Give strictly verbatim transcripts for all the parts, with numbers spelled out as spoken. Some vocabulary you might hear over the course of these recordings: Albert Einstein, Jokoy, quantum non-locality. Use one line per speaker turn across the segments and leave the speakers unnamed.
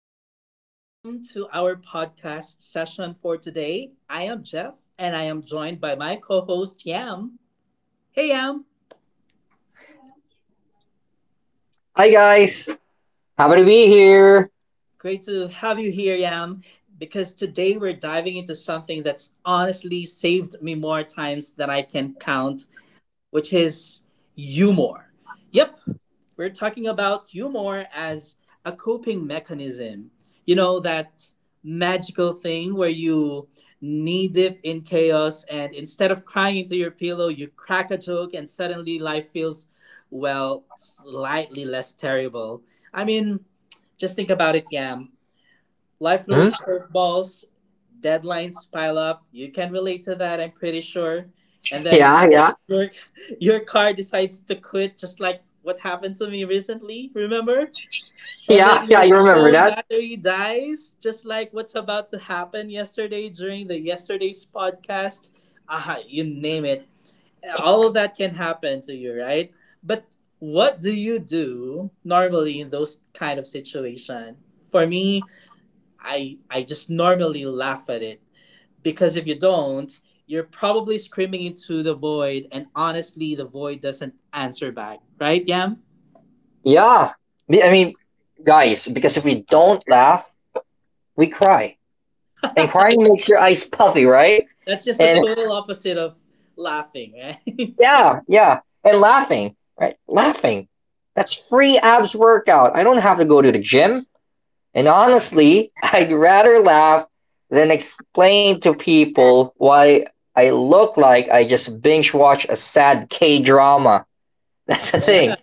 everyone, welcome to our podcast session for today. I am Jeff and I am joined by my co host Yam. Hey Yam,
Hi guys, happy to be here.
great to have you here, Yam, because today we're diving into something that's honestly saved me more times than I can count, which is humor. Yep, we're talking about humor as a coping mechanism. You know, that magical thing where you knee dip in chaos and instead of crying into your pillow, you crack a joke and suddenly life feels, well, slightly less terrible. I mean, just think about it, Yam. Life
Hmm?
throws curveballs, deadlines pile up. You can relate to that, I'm pretty sure. And then
Yeah, yeah,
your your car decides to quit just like what happened to me recently, remember? And then
yeah, yeah.
your
You remember
phone
that?
battery dies, just like what's about to happen yesterday during the yesterday's podcast. Ah, you name it. All of that can happen to you, right? But what do you do normally in those kind of situation? For me, I I just normally laugh at it because if you don't, you're probably screaming into the void, and honestly, the void doesn't answer back, right, Yam?
Yeah. Me- I mean, guys, because if we don't laugh, we cry, and crying makes your eyes puffy, right?
That's just the
And
total opposite of laughing, right?
yeah, yeah, and laughing, right? Laughing. That's free abs workout. I don't have to go to the gym. And honestly, I'd rather laugh than explain to people why I look like I just binge watch a sad K drama. That's the
Yeah,
thing.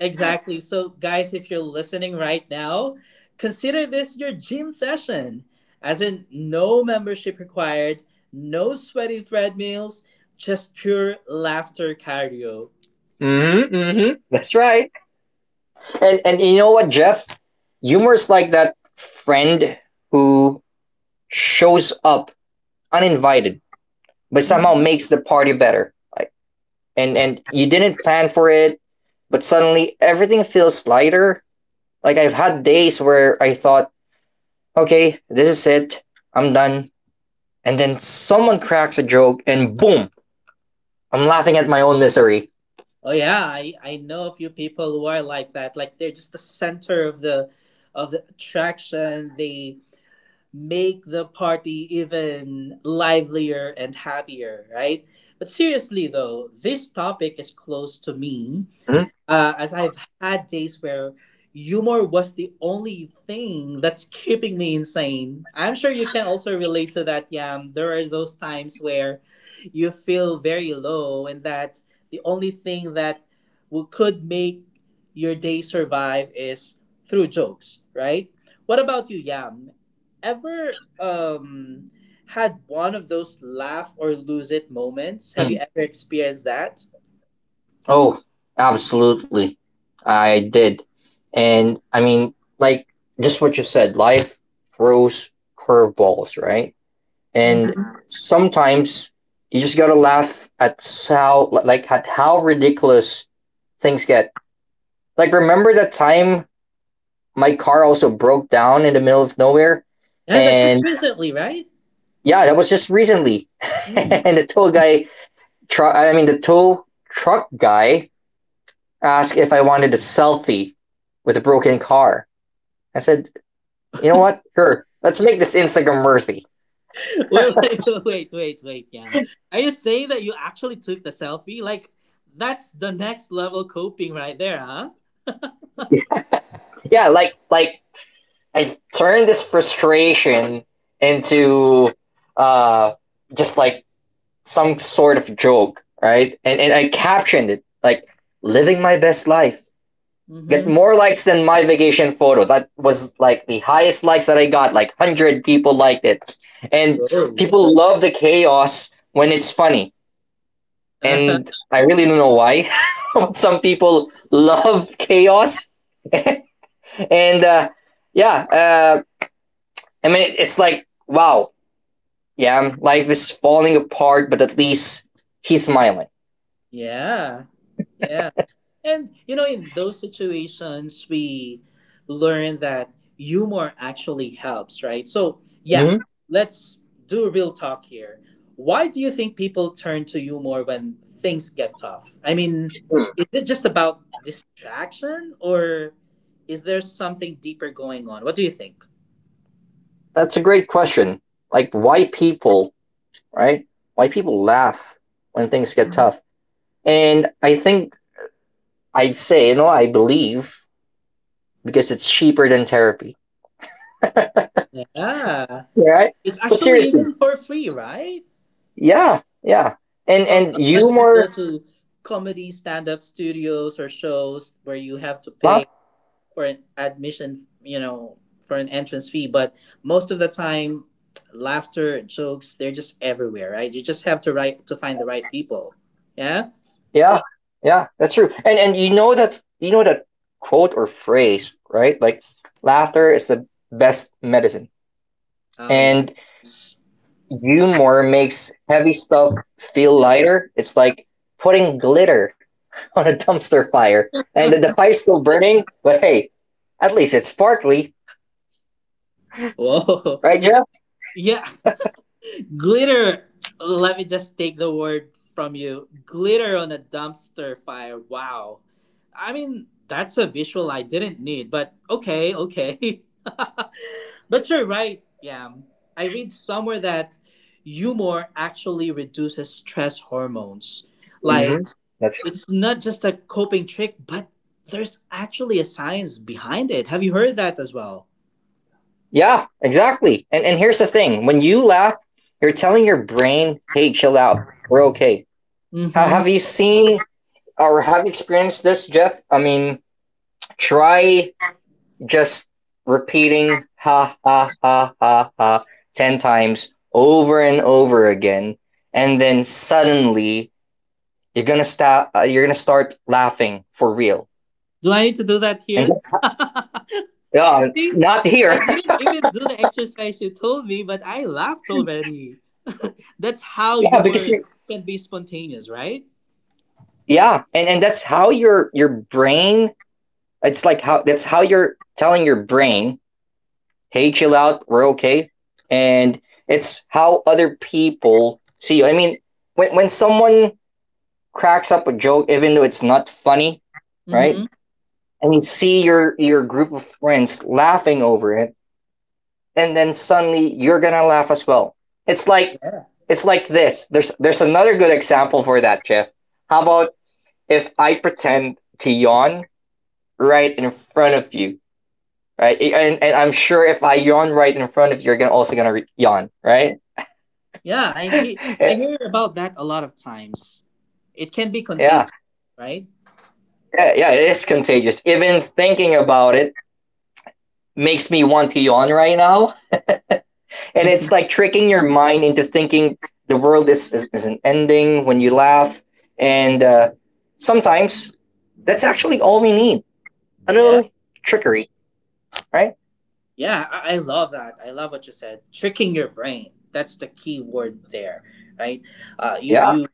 exactly. So, guys, if you're listening right now, consider this your gym session. As in, no membership required, no sweaty treadmills, just pure laughter cardio.
Mm-hmm. Mm-hmm. That's right. And and you know what, Jeff? Humor is like that friend who shows up uninvited, but somehow
Mhm.
makes the party better. Like, and and you didn't plan for it, but suddenly everything feels lighter. Like I've had days where I thought, okay, this is it, I'm done, and then someone cracks a joke, and boom, I'm laughing at my own misery.
Oh yeah, I I know a few people who are like that. Like they're just the center of the of the attraction. They make the party even livelier and happier, right? But seriously though, this topic is close to me
Mm.
uh, as I've had days where humor was the only thing that's keeping me insane. I'm sure you can also relate to that, Yam. There are those times where you feel very low, and that the only thing that will, could make your day survive is through jokes, right? What about you, Yam? Ever um, had one of those laugh or lose it moments? Have you ever experienced that?
Oh, absolutely. I did. And I mean, like, just what you said, life throws curveballs, right? And sometimes you just gotta laugh at how, like, at how ridiculous things get. Like, remember that time my car also broke down in the middle of nowhere?
And that's just
And
recently, right?
yeah, that was just recently.
Hmm.
And the tow guy, tru- I mean, the tow truck guy asked if I wanted a selfie with a broken car. I said, you know what? Sure. Let's make this Instagram worthy.
Wait, wait, wait, wait, wait, yeah. Are you saying that you actually took the selfie? Like, that's the next level coping right there, huh?
Yeah, like like I turned this frustration into uh just like some sort of joke, right? And and I captioned it like living my best life. Get
Mm-hmm.
more likes than my vacation photo. That was like the highest likes that I got. Like one hundred people liked it. And
Whoa.
people love the chaos when it's funny.
Uh-huh.
And I really don't know why. But some people love chaos, and uh, yeah, uh, I mean, it's like wow, yeah, life is falling apart, but at least he's smiling.
Yeah. Yeah. And you know, in those situations, we learn that humor actually helps, right? So, yeah,
Mhm.
let's do real talk here. Why do you think people turn to humor when things get tough? I mean, is it just about distraction or is there something deeper going on? What do you think?
That's a great question. Like why people, right? Why people laugh when things get tough, and I think I'd say, you know, I believe because it's cheaper than therapy,
Yeah,
right?
it's
But
actually
seriously,
even for free, right?
yeah, yeah, and
Well,
and
unless if you
humor,
go to comedy stand up studios or shows where you have
huh?
to pay for an admission, you know, for an entrance fee, but most of the time, laughter, jokes, they're just everywhere, right? You just have to write to find the right people. Yeah.
Yeah, yeah, that's true. And and you know that you know that quote or phrase, right? Like laughter is the best medicine.
Oh
And
yes.
humor makes heavy stuff feel lighter. It's like putting glitter on a dumpster fire. And the, the fire's still burning, but hey, at least it's sparkly,
Whoa.
right, Jeff?
Yeah. Glitter, let me just take the word from you. Glitter on a dumpster fire. Wow. I mean, that's a visual I didn't need, but okay, okay. But you're right, Yam. I read somewhere that humor actually reduces stress hormones. Like,
Hmm That's
it's not just a coping trick, but there's actually a science behind it. Have you heard that as well?
Yeah, exactly. And and here's the thing: when you laugh, you're telling your brain, "Hey, chill out. We're okay."
Mm
Ha-
hmm.
have you seen or have you experienced this, Jeff? I mean, try just repeating ha ha ha ha ha ten times over and over again and then suddenly you're going to stop uh, you're going to start laughing for real.
Do I need to do that
And
here?
uh,
See,
not
I
here.
didn't even do the exercise you told me, but I laughed already. That's how
Yeah, because
humor
you
can be spontaneous, right?
yeah, and and that's how your your brain, it's like how that's how you're telling your brain, hey, chill out, we're okay. And it's how other people see you. I mean, when, when someone cracks up a joke, even though it's not funny,
Mm-hmm.
right? And you see your, your group of friends laughing over it, and then suddenly you're gonna laugh as well. It's like
Yeah.
it's like this. There's there's another good example for that, Jeff. How about if I pretend to yawn right in front of you, right? And and I'm sure if I yawn right in front of you, you're gonna also gonna re- yawn, right?
Yeah, I hear I
Eh,
hear about that a lot of times. It can be
yeah,
contagious, right?
yeah, yeah, it is contagious. Even thinking about it makes me want to yawn right now. And
Mhm.
it's like tricking your mind into thinking the world is, is, is an ending when you laugh. And uh, sometimes that's actually all we need, a
Yeah.
little trickery, right?
Yeah, I, I love that. I love what you said. Tricking your brain. That's the key word there, right? Uh, you
Yeah.
you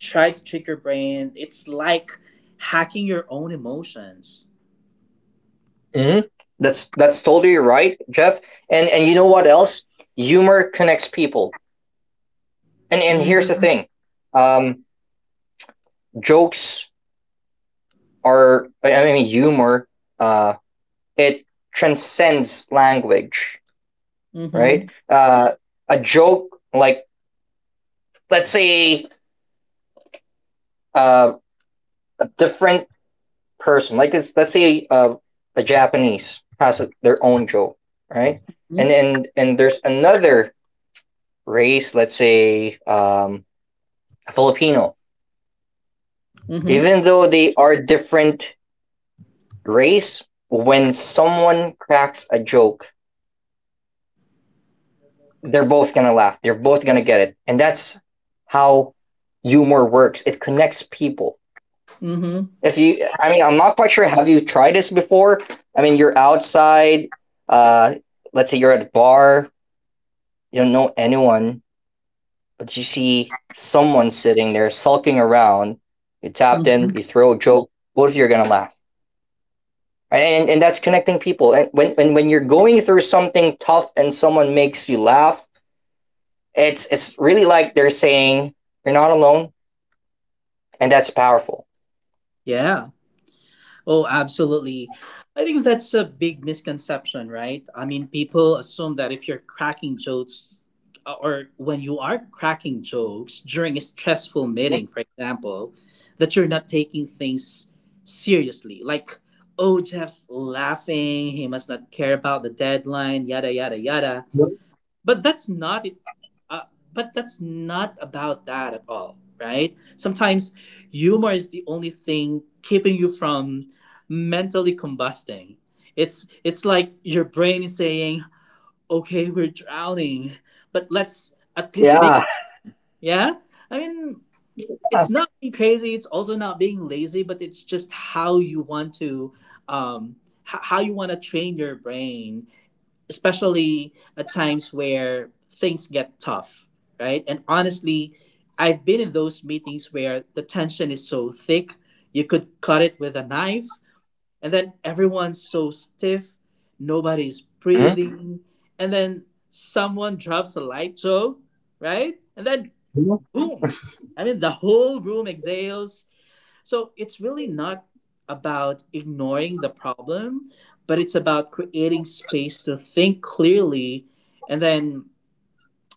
try to trick your brain. It's like hacking your own emotions.
hmm That's that's totally right, Jeff. And and you know what else? Humor connects people. And and here's the thing, um, jokes are I mean humor uh, it transcends language,
Mm-hmm.
right? Uh, a joke, like let's say uh, a different person, like it's, let's say uh, a Japanese has a, their own joke, right? And and and there's another race, let's say um, a Filipino.
Mm-hmm.
Even though they are different race, when someone cracks a joke, they're both gonna laugh. They're both gonna get it, and that's how humor works. It connects people.
Mm-hmm.
If you, I mean, I'm not quite sure. Have you tried this before? I mean, you're outside. Uh, let's say you're at a bar. You don't know anyone, but you see someone sitting there sulking around. You tap them.
Mm-hmm.
You throw a joke. Both of you are gonna laugh, right? and and that's connecting people. And when when when you're going through something tough and someone makes you laugh, it's it's really like they're saying you're not alone, and that's powerful.
Yeah. Oh, absolutely. I think that's a big misconception, right? I mean, people assume that if you're cracking jokes uh, or when you are cracking jokes during a stressful
Yeah.
meeting, for example, that you're not taking things seriously. Like, oh, Jeff's laughing. He must not care about the deadline, yada, yada, yada. But that's not it uh, but that's not about that at all, right? Sometimes humor is the only thing keeping you from mentally combusting. It's it's like your brain is saying, okay, we're drowning, but let's at least make it, yeah, I mean, it's not being crazy, it's also not being lazy, but it's just how you want to um h- how you want to train your brain, especially at times where things get tough, right? And honestly, I've been in those meetings where the tension is so thick, you could cut it with a knife, and then everyone's so stiff, nobody's breathing, and then someone drops a light joke, right? And then
Mhm.
boom. I mean, the whole room exhales, so it's really not about ignoring the problem, but it's about creating space to think clearly. And then,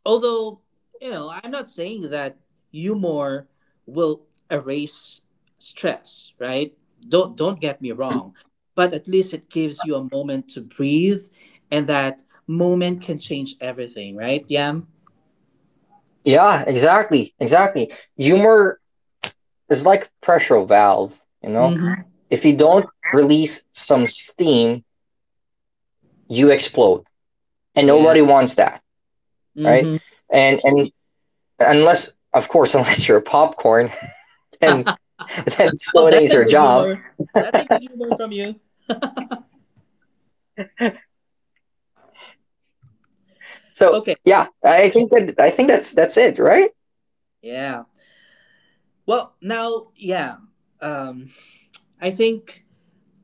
although, you know, I'm not saying that humor will erase stress, right? Don't don't get me wrong, but at least it gives you a moment to breathe and that moment can change everything, right, Yam?
Yeah, exactly. Exactly. Humor is like pressure valve, you know?
Mhm.
If you don't release some steam, you explode. And
Yeah.
nobody wants that, right?
Mhm.
And and unless of course unless you're popcorn and then
Oh,
exploding
that's
is
a
your
good
job.
humor. That's a good humor from you.
So
Okay.
yeah, I think that I think that's that's it, right?
Yeah. Well, now, yeah. Um, I think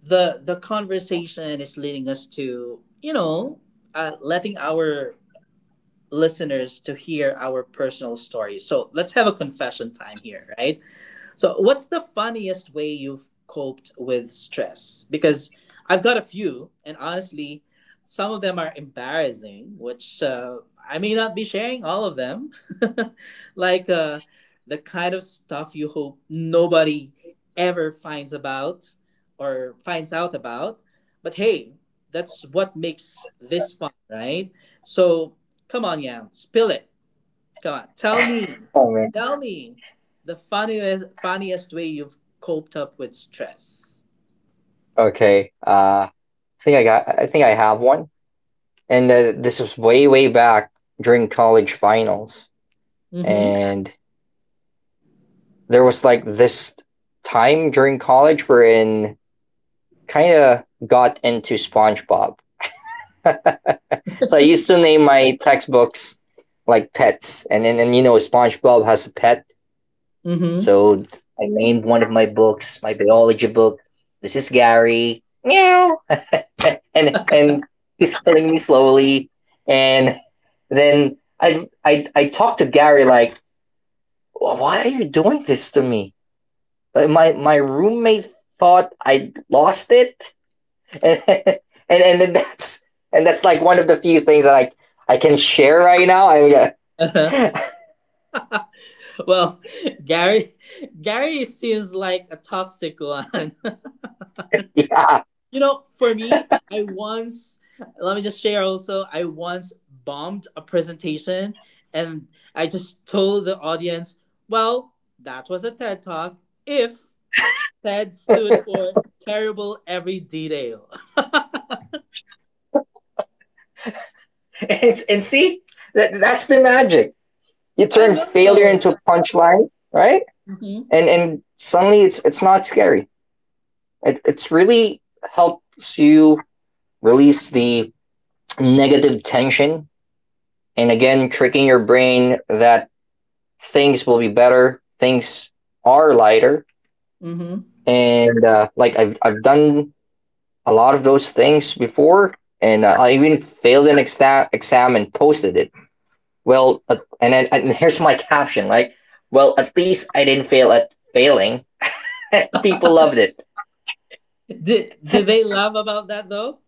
the the conversation is leading us to, you know, uh, letting our listeners to hear our personal stories. So let's have a confession time here, right? So, what's the funniest way you've coped with stress? Because I've got a few, and honestly, some of them are embarrassing, which uh, I may not be sharing all of them. Like uh, the kind of stuff you hope nobody ever finds about or finds out about. But hey, that's what makes this fun, right? So, come on, Yam, spill it. Come on, tell me,
Oh man.
tell me the funniest funniest way you've coped up with stress.
Okay. Uh I think I got I think I have one. And uh, this was way way back during college finals,
Mm-hmm.
and there was like this time during college wherein kind of got into SpongeBob. So I used to name my textbooks like pets, and then and and, you know, SpongeBob has a pet,
Mm-hmm.
so I named one of my books, my biology book, this is Gary meow, and and he's killing me slowly. And then I, I I talked to Gary like, why are you doing this to me? But my my roommate thought I lost it, and and and then that's and that's like one of the few things that I I can share right now. I mean,
Uh-huh. Well, Gary, Gary seems like a toxic one.
yeah,
You know, for me, I once let me just share also. I once bombed a presentation, and I just told the audience, "Well, that was a TED talk. If TED stood for terrible every detail."
and and see, that that's the magic. You
I
turn failure into
know.
a punchline, right?
Hmm.
And and suddenly it's it's not scary. It it's really helps you release the negative tension, and again tricking your brain that things will be better. Things are lighter,
Hmm.
and uh, like I've I've done a lot of those things before, and uh, I even failed an exam exam and posted it. Well, uh, and then and here's my caption like, well, at least I didn't fail at failing. People loved it.
Did did they laugh about that though?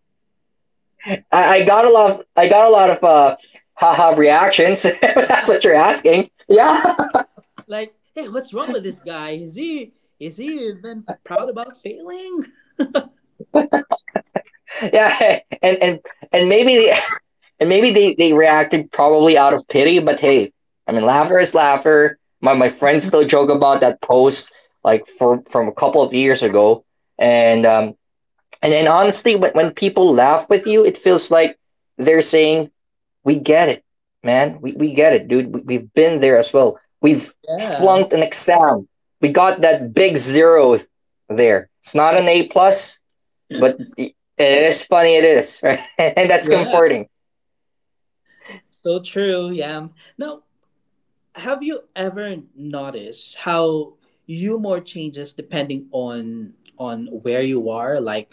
I, I got a lot. Of, I got a lot of uh, haha reactions. That's what you're asking. Yeah,
Like, hey, what's wrong with this guy? Is he is he even proud about failing?
yeah, and and and maybe And maybe they, they reacted probably out of pity, but hey, I mean, Laffer is Laffer. My, my friends still joke about that post, like, for, from a couple of years ago. And, um, and, and honestly, when, when people laugh with you, it feels like they're saying, we get it, man. We, we get it, dude. We, we've been there as well. We've
Yeah.
flunked an exam. We got that big zero there. It's not an A plus, but it is funny. It is, right? And that's
Yeah.
comforting.
So true, yeah. Now, have you ever noticed how humor changes depending on on where you are? Like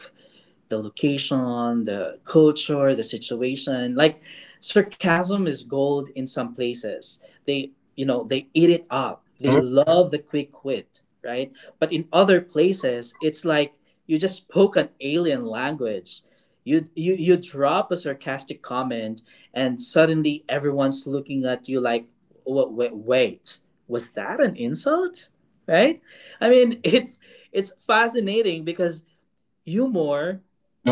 the location, the culture, the situation. Like sarcasm is gold in some places. They, you know, they eat it up. They
Mm-hmm.
love the quick wit, right? But in other places, it's like you just spoke an alien language. You, you you drop a sarcastic comment and suddenly everyone's looking at you like, "Wa- wa- wait, was that an insult, right? I mean, it's it's fascinating because humor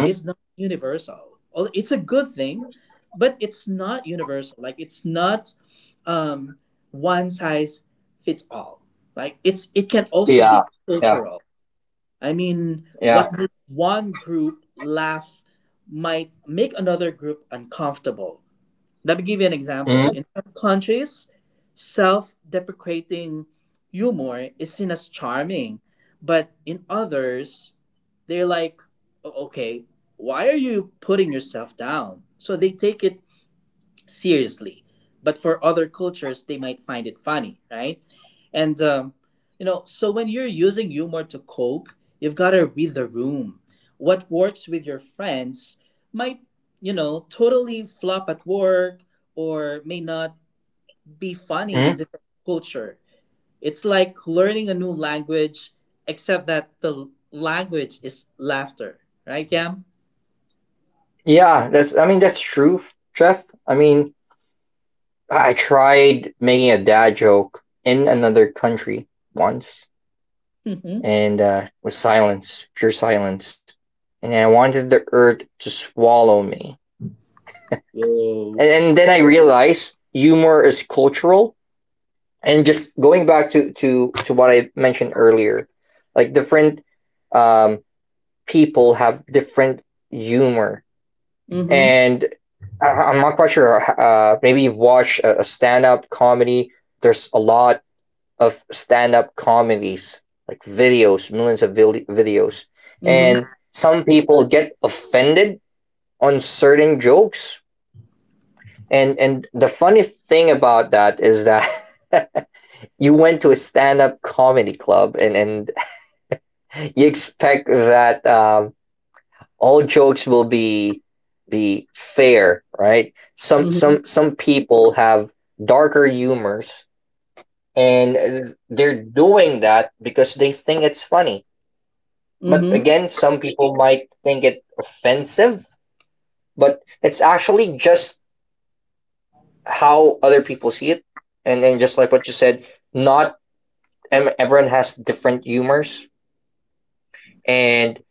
is not universal. Well, it's a good thing, but it's not universal. Like it's not um, one size fits all. Like it's it can also
Yeah,
be
yeah,
cultural. I mean,
yeah.
what makes one group laugh might make another group uncomfortable. Let me give you an example.
Mm-hmm.
In some countries, self deprecating humor is seen as charming, but in others, they're like, "O- okay, why are you putting yourself down?" So they take it seriously. But for other cultures, they might find it funny, right? And, um, you know, so when you're using humor to cope, you've got to read the room. What works with your friends might, you know, totally flop at work or may not be funny in
mm-hmm.
different culture. It's like learning a new language, except that the l- language is laughter, right, Yam?
Yeah, that's I mean that's true, Jeff. I mean, I tried making a dad joke in another country once,
Mm-hmm.
and uh was silence, pure silence. And I wanted the earth to swallow me.
Whoa.
And and then I realized humor is cultural. And just going back to to to what I mentioned earlier, like different um people have different humor.
Mm-hmm.
And I, I'm not quite sure. Uh, uh, maybe you've watched a, a stand-up comedy. There's a lot of stand-up comedies, like videos, millions of vil- videos,
Mm-hmm.
and some people get offended on certain jokes. And and the funny thing about that is that you went to a stand-up comedy club and and you expect that um, all jokes will be be fair, right? Some
Mm-hmm.
some some people have darker humors, and uh, they're doing that because they think it's funny. But
Mm-hmm.
again, some people might think it offensive, but it's actually just how other people see it. And then just like what you said, not em- everyone has different humors, and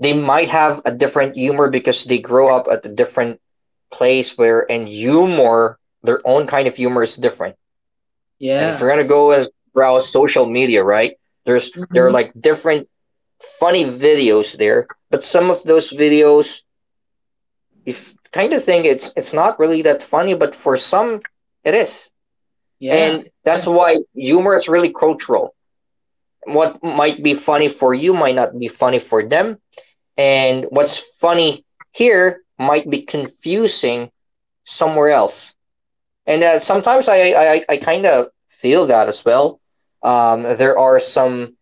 they might have a different humor because they grow up at a different place where, and humor, their own kind of humor is different. And if
Yeah.
you're gonna go and browse social media, right, there's there are
Mhm.
like different funny videos there, but some of those videos, you kind of think it's it's not really that funny, but for some it is.
Yeah.
And that's
Yeah.
why humor is really cultural. What might be funny for you might not be funny for them. And what's funny here might be confusing somewhere else. And uh, sometimes I, I, I kind of feel that as well. Um, there are some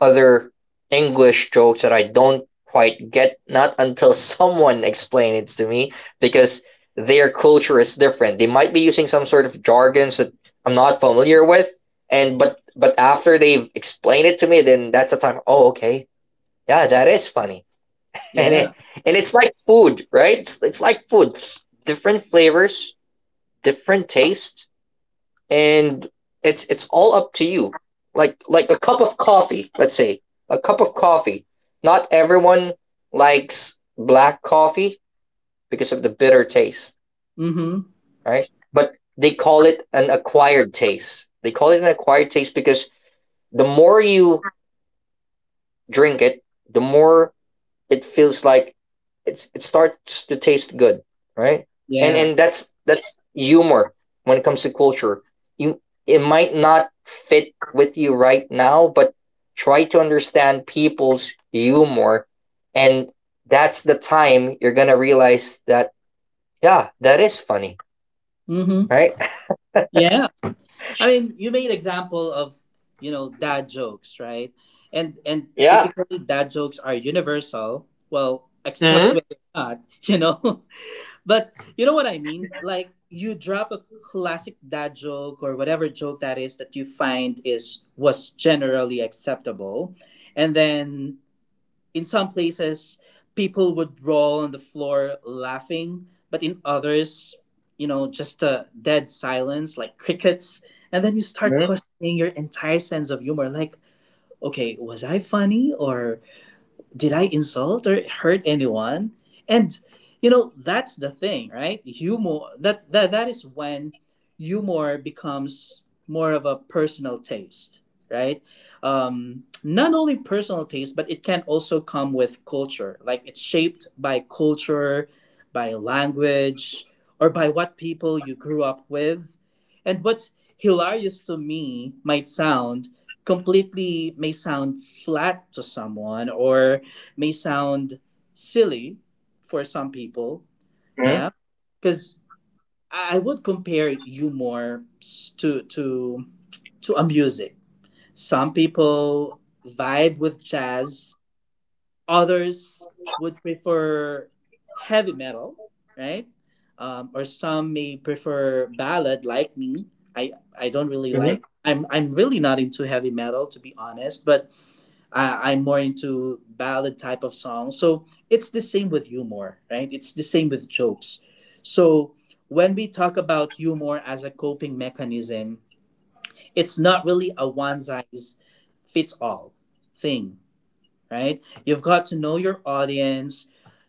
other English jokes that I don't quite get, not until someone explains it to me, because their culture is different. They might be using some sort of jargons that I'm not familiar with, and but but after they've explained it to me, then that's the time. Oh, okay, yeah, that is funny. and
Yeah.
it and it's like food, right? It's, it's like food, different flavors, different taste, and it's it's all up to you. Like like a cup of coffee, let's say a cup of coffee. Not everyone likes black coffee because of the bitter taste,
Mhm.
right? But they call it an acquired taste. They call it an acquired taste because the more you drink it, the more it feels like it's it starts to taste good, right? And
Yeah.
and that's that's humor when it comes to culture. You it might not fit with you right now, but try to understand people's humor and that's the time you're gonna realize that yeah, that is funny,
Mhm.
right?
Yeah. I mean, you made example of, you know, dad jokes, right? And and
Yeah.
typically dad jokes are universal, well, except
Mm-hmm.
when they're not, you know. But you know what I mean? Like you drop a classic dad joke or whatever joke that is that you find is was generally acceptable and then in some places, people would roll on the floor laughing, but in others, you know, just a dead silence like crickets. And then you start questioning your entire sense of humor like, okay, was I funny or did I insult or hurt anyone? And you know, that's the thing, right? Humor that that, that is when humor becomes more of a personal taste, right? Um, not only personal taste, but it can also come with culture. Like it's shaped by culture, by language, or by what people you grew up with. And what's hilarious to me might sound completely may sound flat to someone or may sound silly for some people.
hmm
Yeah, because I would compare humor s- to to to a music. Some people vibe with jazz. Others would prefer heavy metal, right? Um, or some may prefer ballad, like me. I I don't really
hmm
like. I'm I'm really not into heavy metal to be honest, but I, I'm more into ballad type of songs. So it's the same with humor, right? It's the same with jokes. So when we talk about humor as a coping mechanism, it's not really a one size fits all thing, right? You've got to know your audience,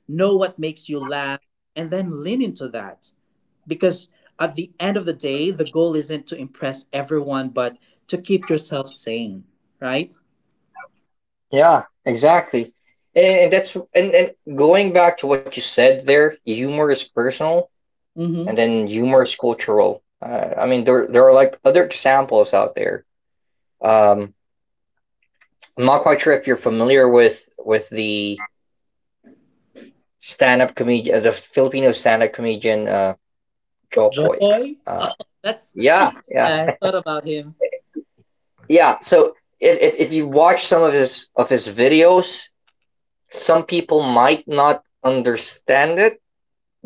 know what makes you laugh, and then lean into that. Because at the end of the day, the goal isn't to impress everyone, but to keep yourself sane, right?
Yeah, exactly. And, and that's and, and going back to what you said there, humor is personal
Mm-hmm.
and then humorous cultural. Uh, I mean, there there are like other examples out there. Um, I'm not quite sure if you're familiar with with the stand up comedian, the Filipino stand up comedian uh,
Joy.
Jokoy. Uh,
Oh, that's
yeah, yeah,
I thought about him.
yeah. So if, if if you watch some of his of his videos, some people might not understand it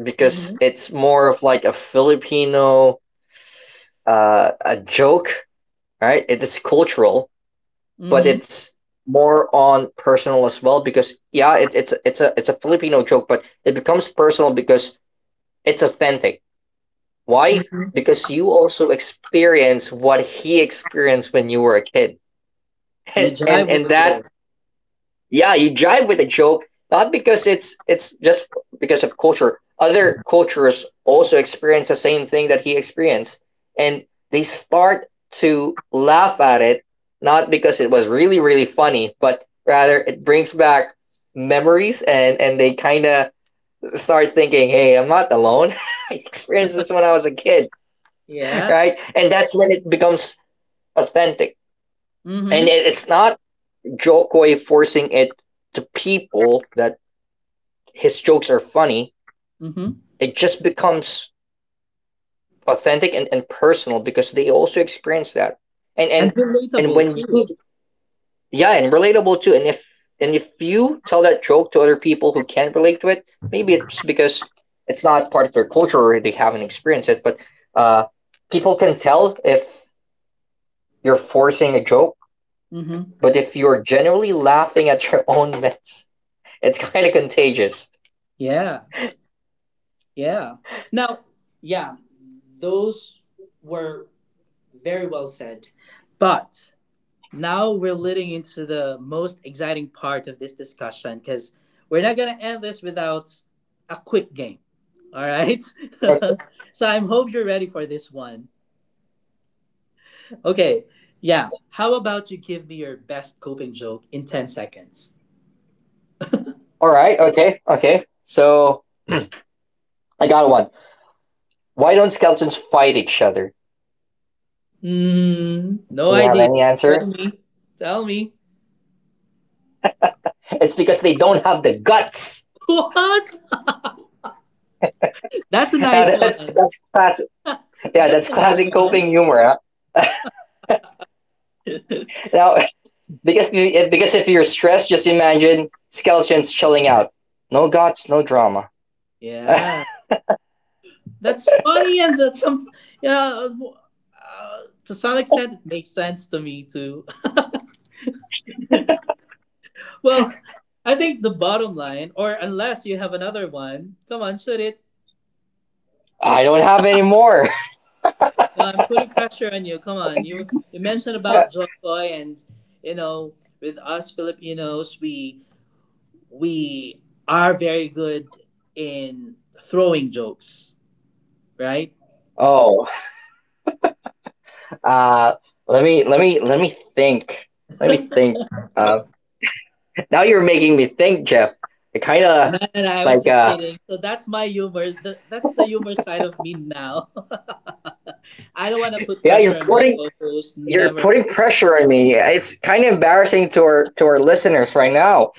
because
Mm-hmm.
it's more of like a Filipino uh, a joke, right? It is cultural but
Mm-hmm.
it's more on personal as well because yeah, it, it's it's a it's a Filipino joke, but it becomes personal because it's authentic. Why?
Mm-hmm.
Because you also experience what he experienced when you were a kid,
You
and and
jive
and
with Joe.
that yeah, you jive with a joke, not because it's it's just because of culture. Other cultures also experience the same thing that he experienced, and they start to laugh at it, not because it was really really funny, but rather it brings back memories and and they kind of start thinking, hey, I'm not alone. I experienced this when I was a kid,
Yeah.
right? And that's when it becomes authentic and
Mm-hmm.
it- it's not jokoi forcing it to people that his jokes are funny,
Mm-hmm.
it just becomes authentic and, and personal because they also experience that. And
And
and and
relatable
when you
too.
yeah, and relatable too. And if and if you tell that joke to other people who can't relate to it, maybe it's because it's not part of their culture or they haven't experienced it. But uh, people can tell if you're forcing a joke,
Mm-hmm.
but if you're genuinely laughing at your own mess, it's kind of contagious.
Yeah. Yeah. Now, yeah, those were very well said. But now we're leading into the most exciting part of this discussion because we're not gonna end this without a quick game. All right.
Okay.
So I hope you're ready for this one. Okay, yeah. How about you give me your best coping joke in ten seconds?
All right. Okay. Okay. So I got one. Why don't skeletons fight each other?
Hmm, no
Do you have
idea.
any
Tell
answer?
me. Tell me.
It's because they don't have the guts.
What? That's a
Now
nice
that's
one.
that's classic. Yeah,
That's
that's
a nice
classic
one.
coping humor. Huh? Now because if, because if you're stressed, just imagine skeletons chilling out. No guts, no drama.
Yeah. That's funny and that's some yeah, uh, to some extent it makes sense to me too. Well, I think the bottom line or unless you have another one, come on, shoot it.
I don't have any more.
No, I'm putting pressure on you. Come on. You you mentioned about Joy and you know, with us Filipinos, we we are very good in throwing jokes, right?
oh, uh, let me let me let me think. Let me think. Uh, now you're making me think, Jeff. It kind of
Man, I was
like
just
uh,
kidding. So that's my humor. Th- That's the humor side of me now. I don't want to put
yeah, you're
pressure on my
putting
co-host.
You're
Never.
putting pressure on me. It's kind of embarrassing to our to our listeners right now.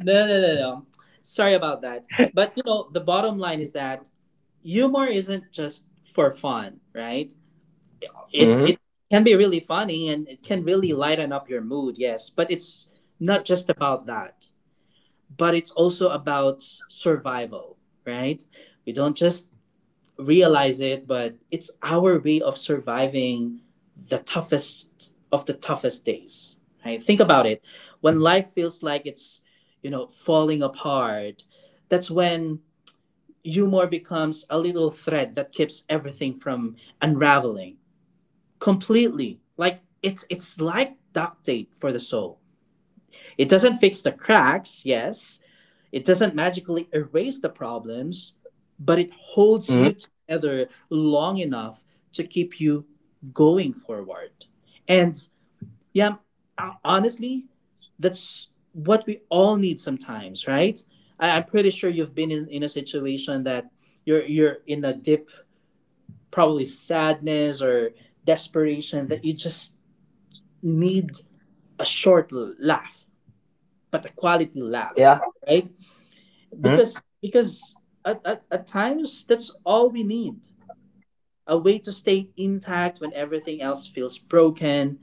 No, no, no, no. Sorry about that. But you know, the bottom line is that humor isn't just for fun, right? It's
Mm-hmm.
it can be really funny and it can really lighten up your mood, yes, but it's not just about that, but it's also about survival, right? We don't just realize it, but it's our way of surviving the toughest of the toughest days, right? Think about it. When life feels like it's, you know, falling apart, that's when humor becomes a little thread that keeps everything from unraveling completely. Like it's it's like duct tape for the soul. It doesn't fix the cracks, yes. It doesn't magically erase the problems, but it holds you
Mm-hmm.
together long enough to keep you going forward. And yeah, uh, honestly, that's what we all need sometimes, right? I, I'm pretty sure you've been in, in a situation that you're you're in a dip, probably sadness or desperation, that you just need a short laugh, but a quality laugh,
Yeah.
right?
Mm-hmm.
Because because at, at, at times that's all we need. A way to stay intact when everything else feels broken.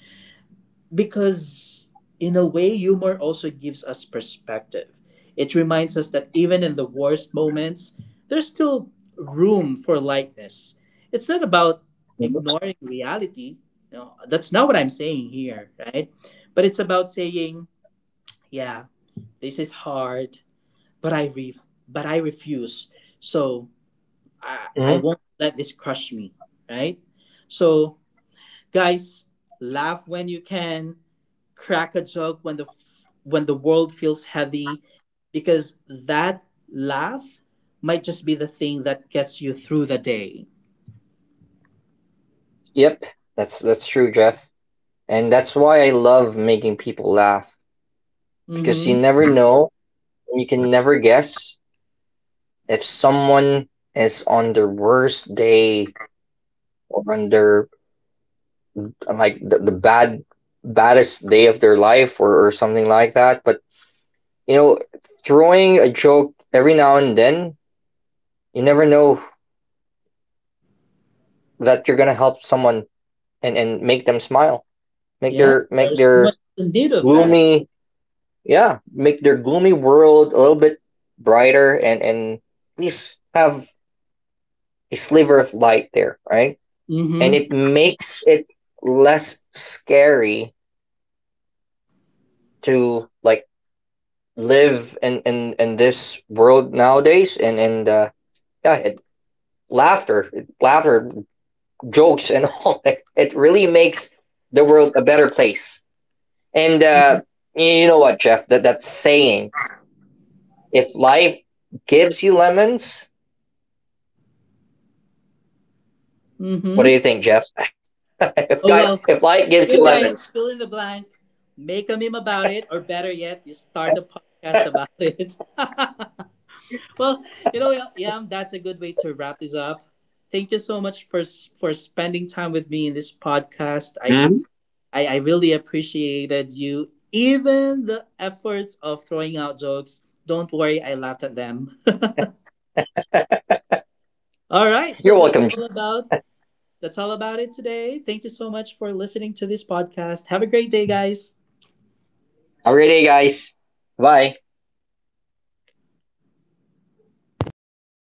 Because in a way, humor also gives us perspective. It reminds us that even in the worst moments, there's still room for lightness. It's not about ignoring reality. You know, that's not what I'm saying here, right? But it's about saying, yeah, this is hard, but I re- but I refuse. So I I
Mm-hmm.
won't let this crush me, right? So guys, laugh when you can, crack a joke when the f- when the world feels heavy, because that laugh might just be the thing that gets you through the day.
Yep. That's that's true, Jeff. And that's why I love making people laugh because you
Mhm.
never know, and you can never guess if someone is on their worst day or on their like the, the bad baddest day of their life or, or something like that. But you know, throwing a joke every now and then, you never know that you're gonna help someone and and make them smile, make
Yeah,
their make
there's so
their
much in need of that.
gloomy yeah, make their gloomy world a little bit brighter and and at least have a sliver of light there, right? And
Mhm.
it makes it less scary to like live in in in this world nowadays and and uh yeah it, laughter laughter jokes and all it, it really makes the world a better place. And uh, you know what, Jeff? That that saying, if life gives you lemons, what do you
Mhm.
think, Jeff? if
Oh
guy,
well,
if life gives you
you
lemons,
guys fill in the blank, make a meme about it, or better yet, just start a podcast about it. Well, you know, Yam, that's a good way to wrap this up. Thank you so much for for spending time with me in this podcast. I
mhm.
I, I really appreciated you, even the efforts of throwing out jokes. Don't worry, I laughed at them. All right, so
You're
that's
welcome.
all about that's all about it today. Thank you so much for listening to this podcast. Have a great day, guys.
Have a great day, guys. Bye.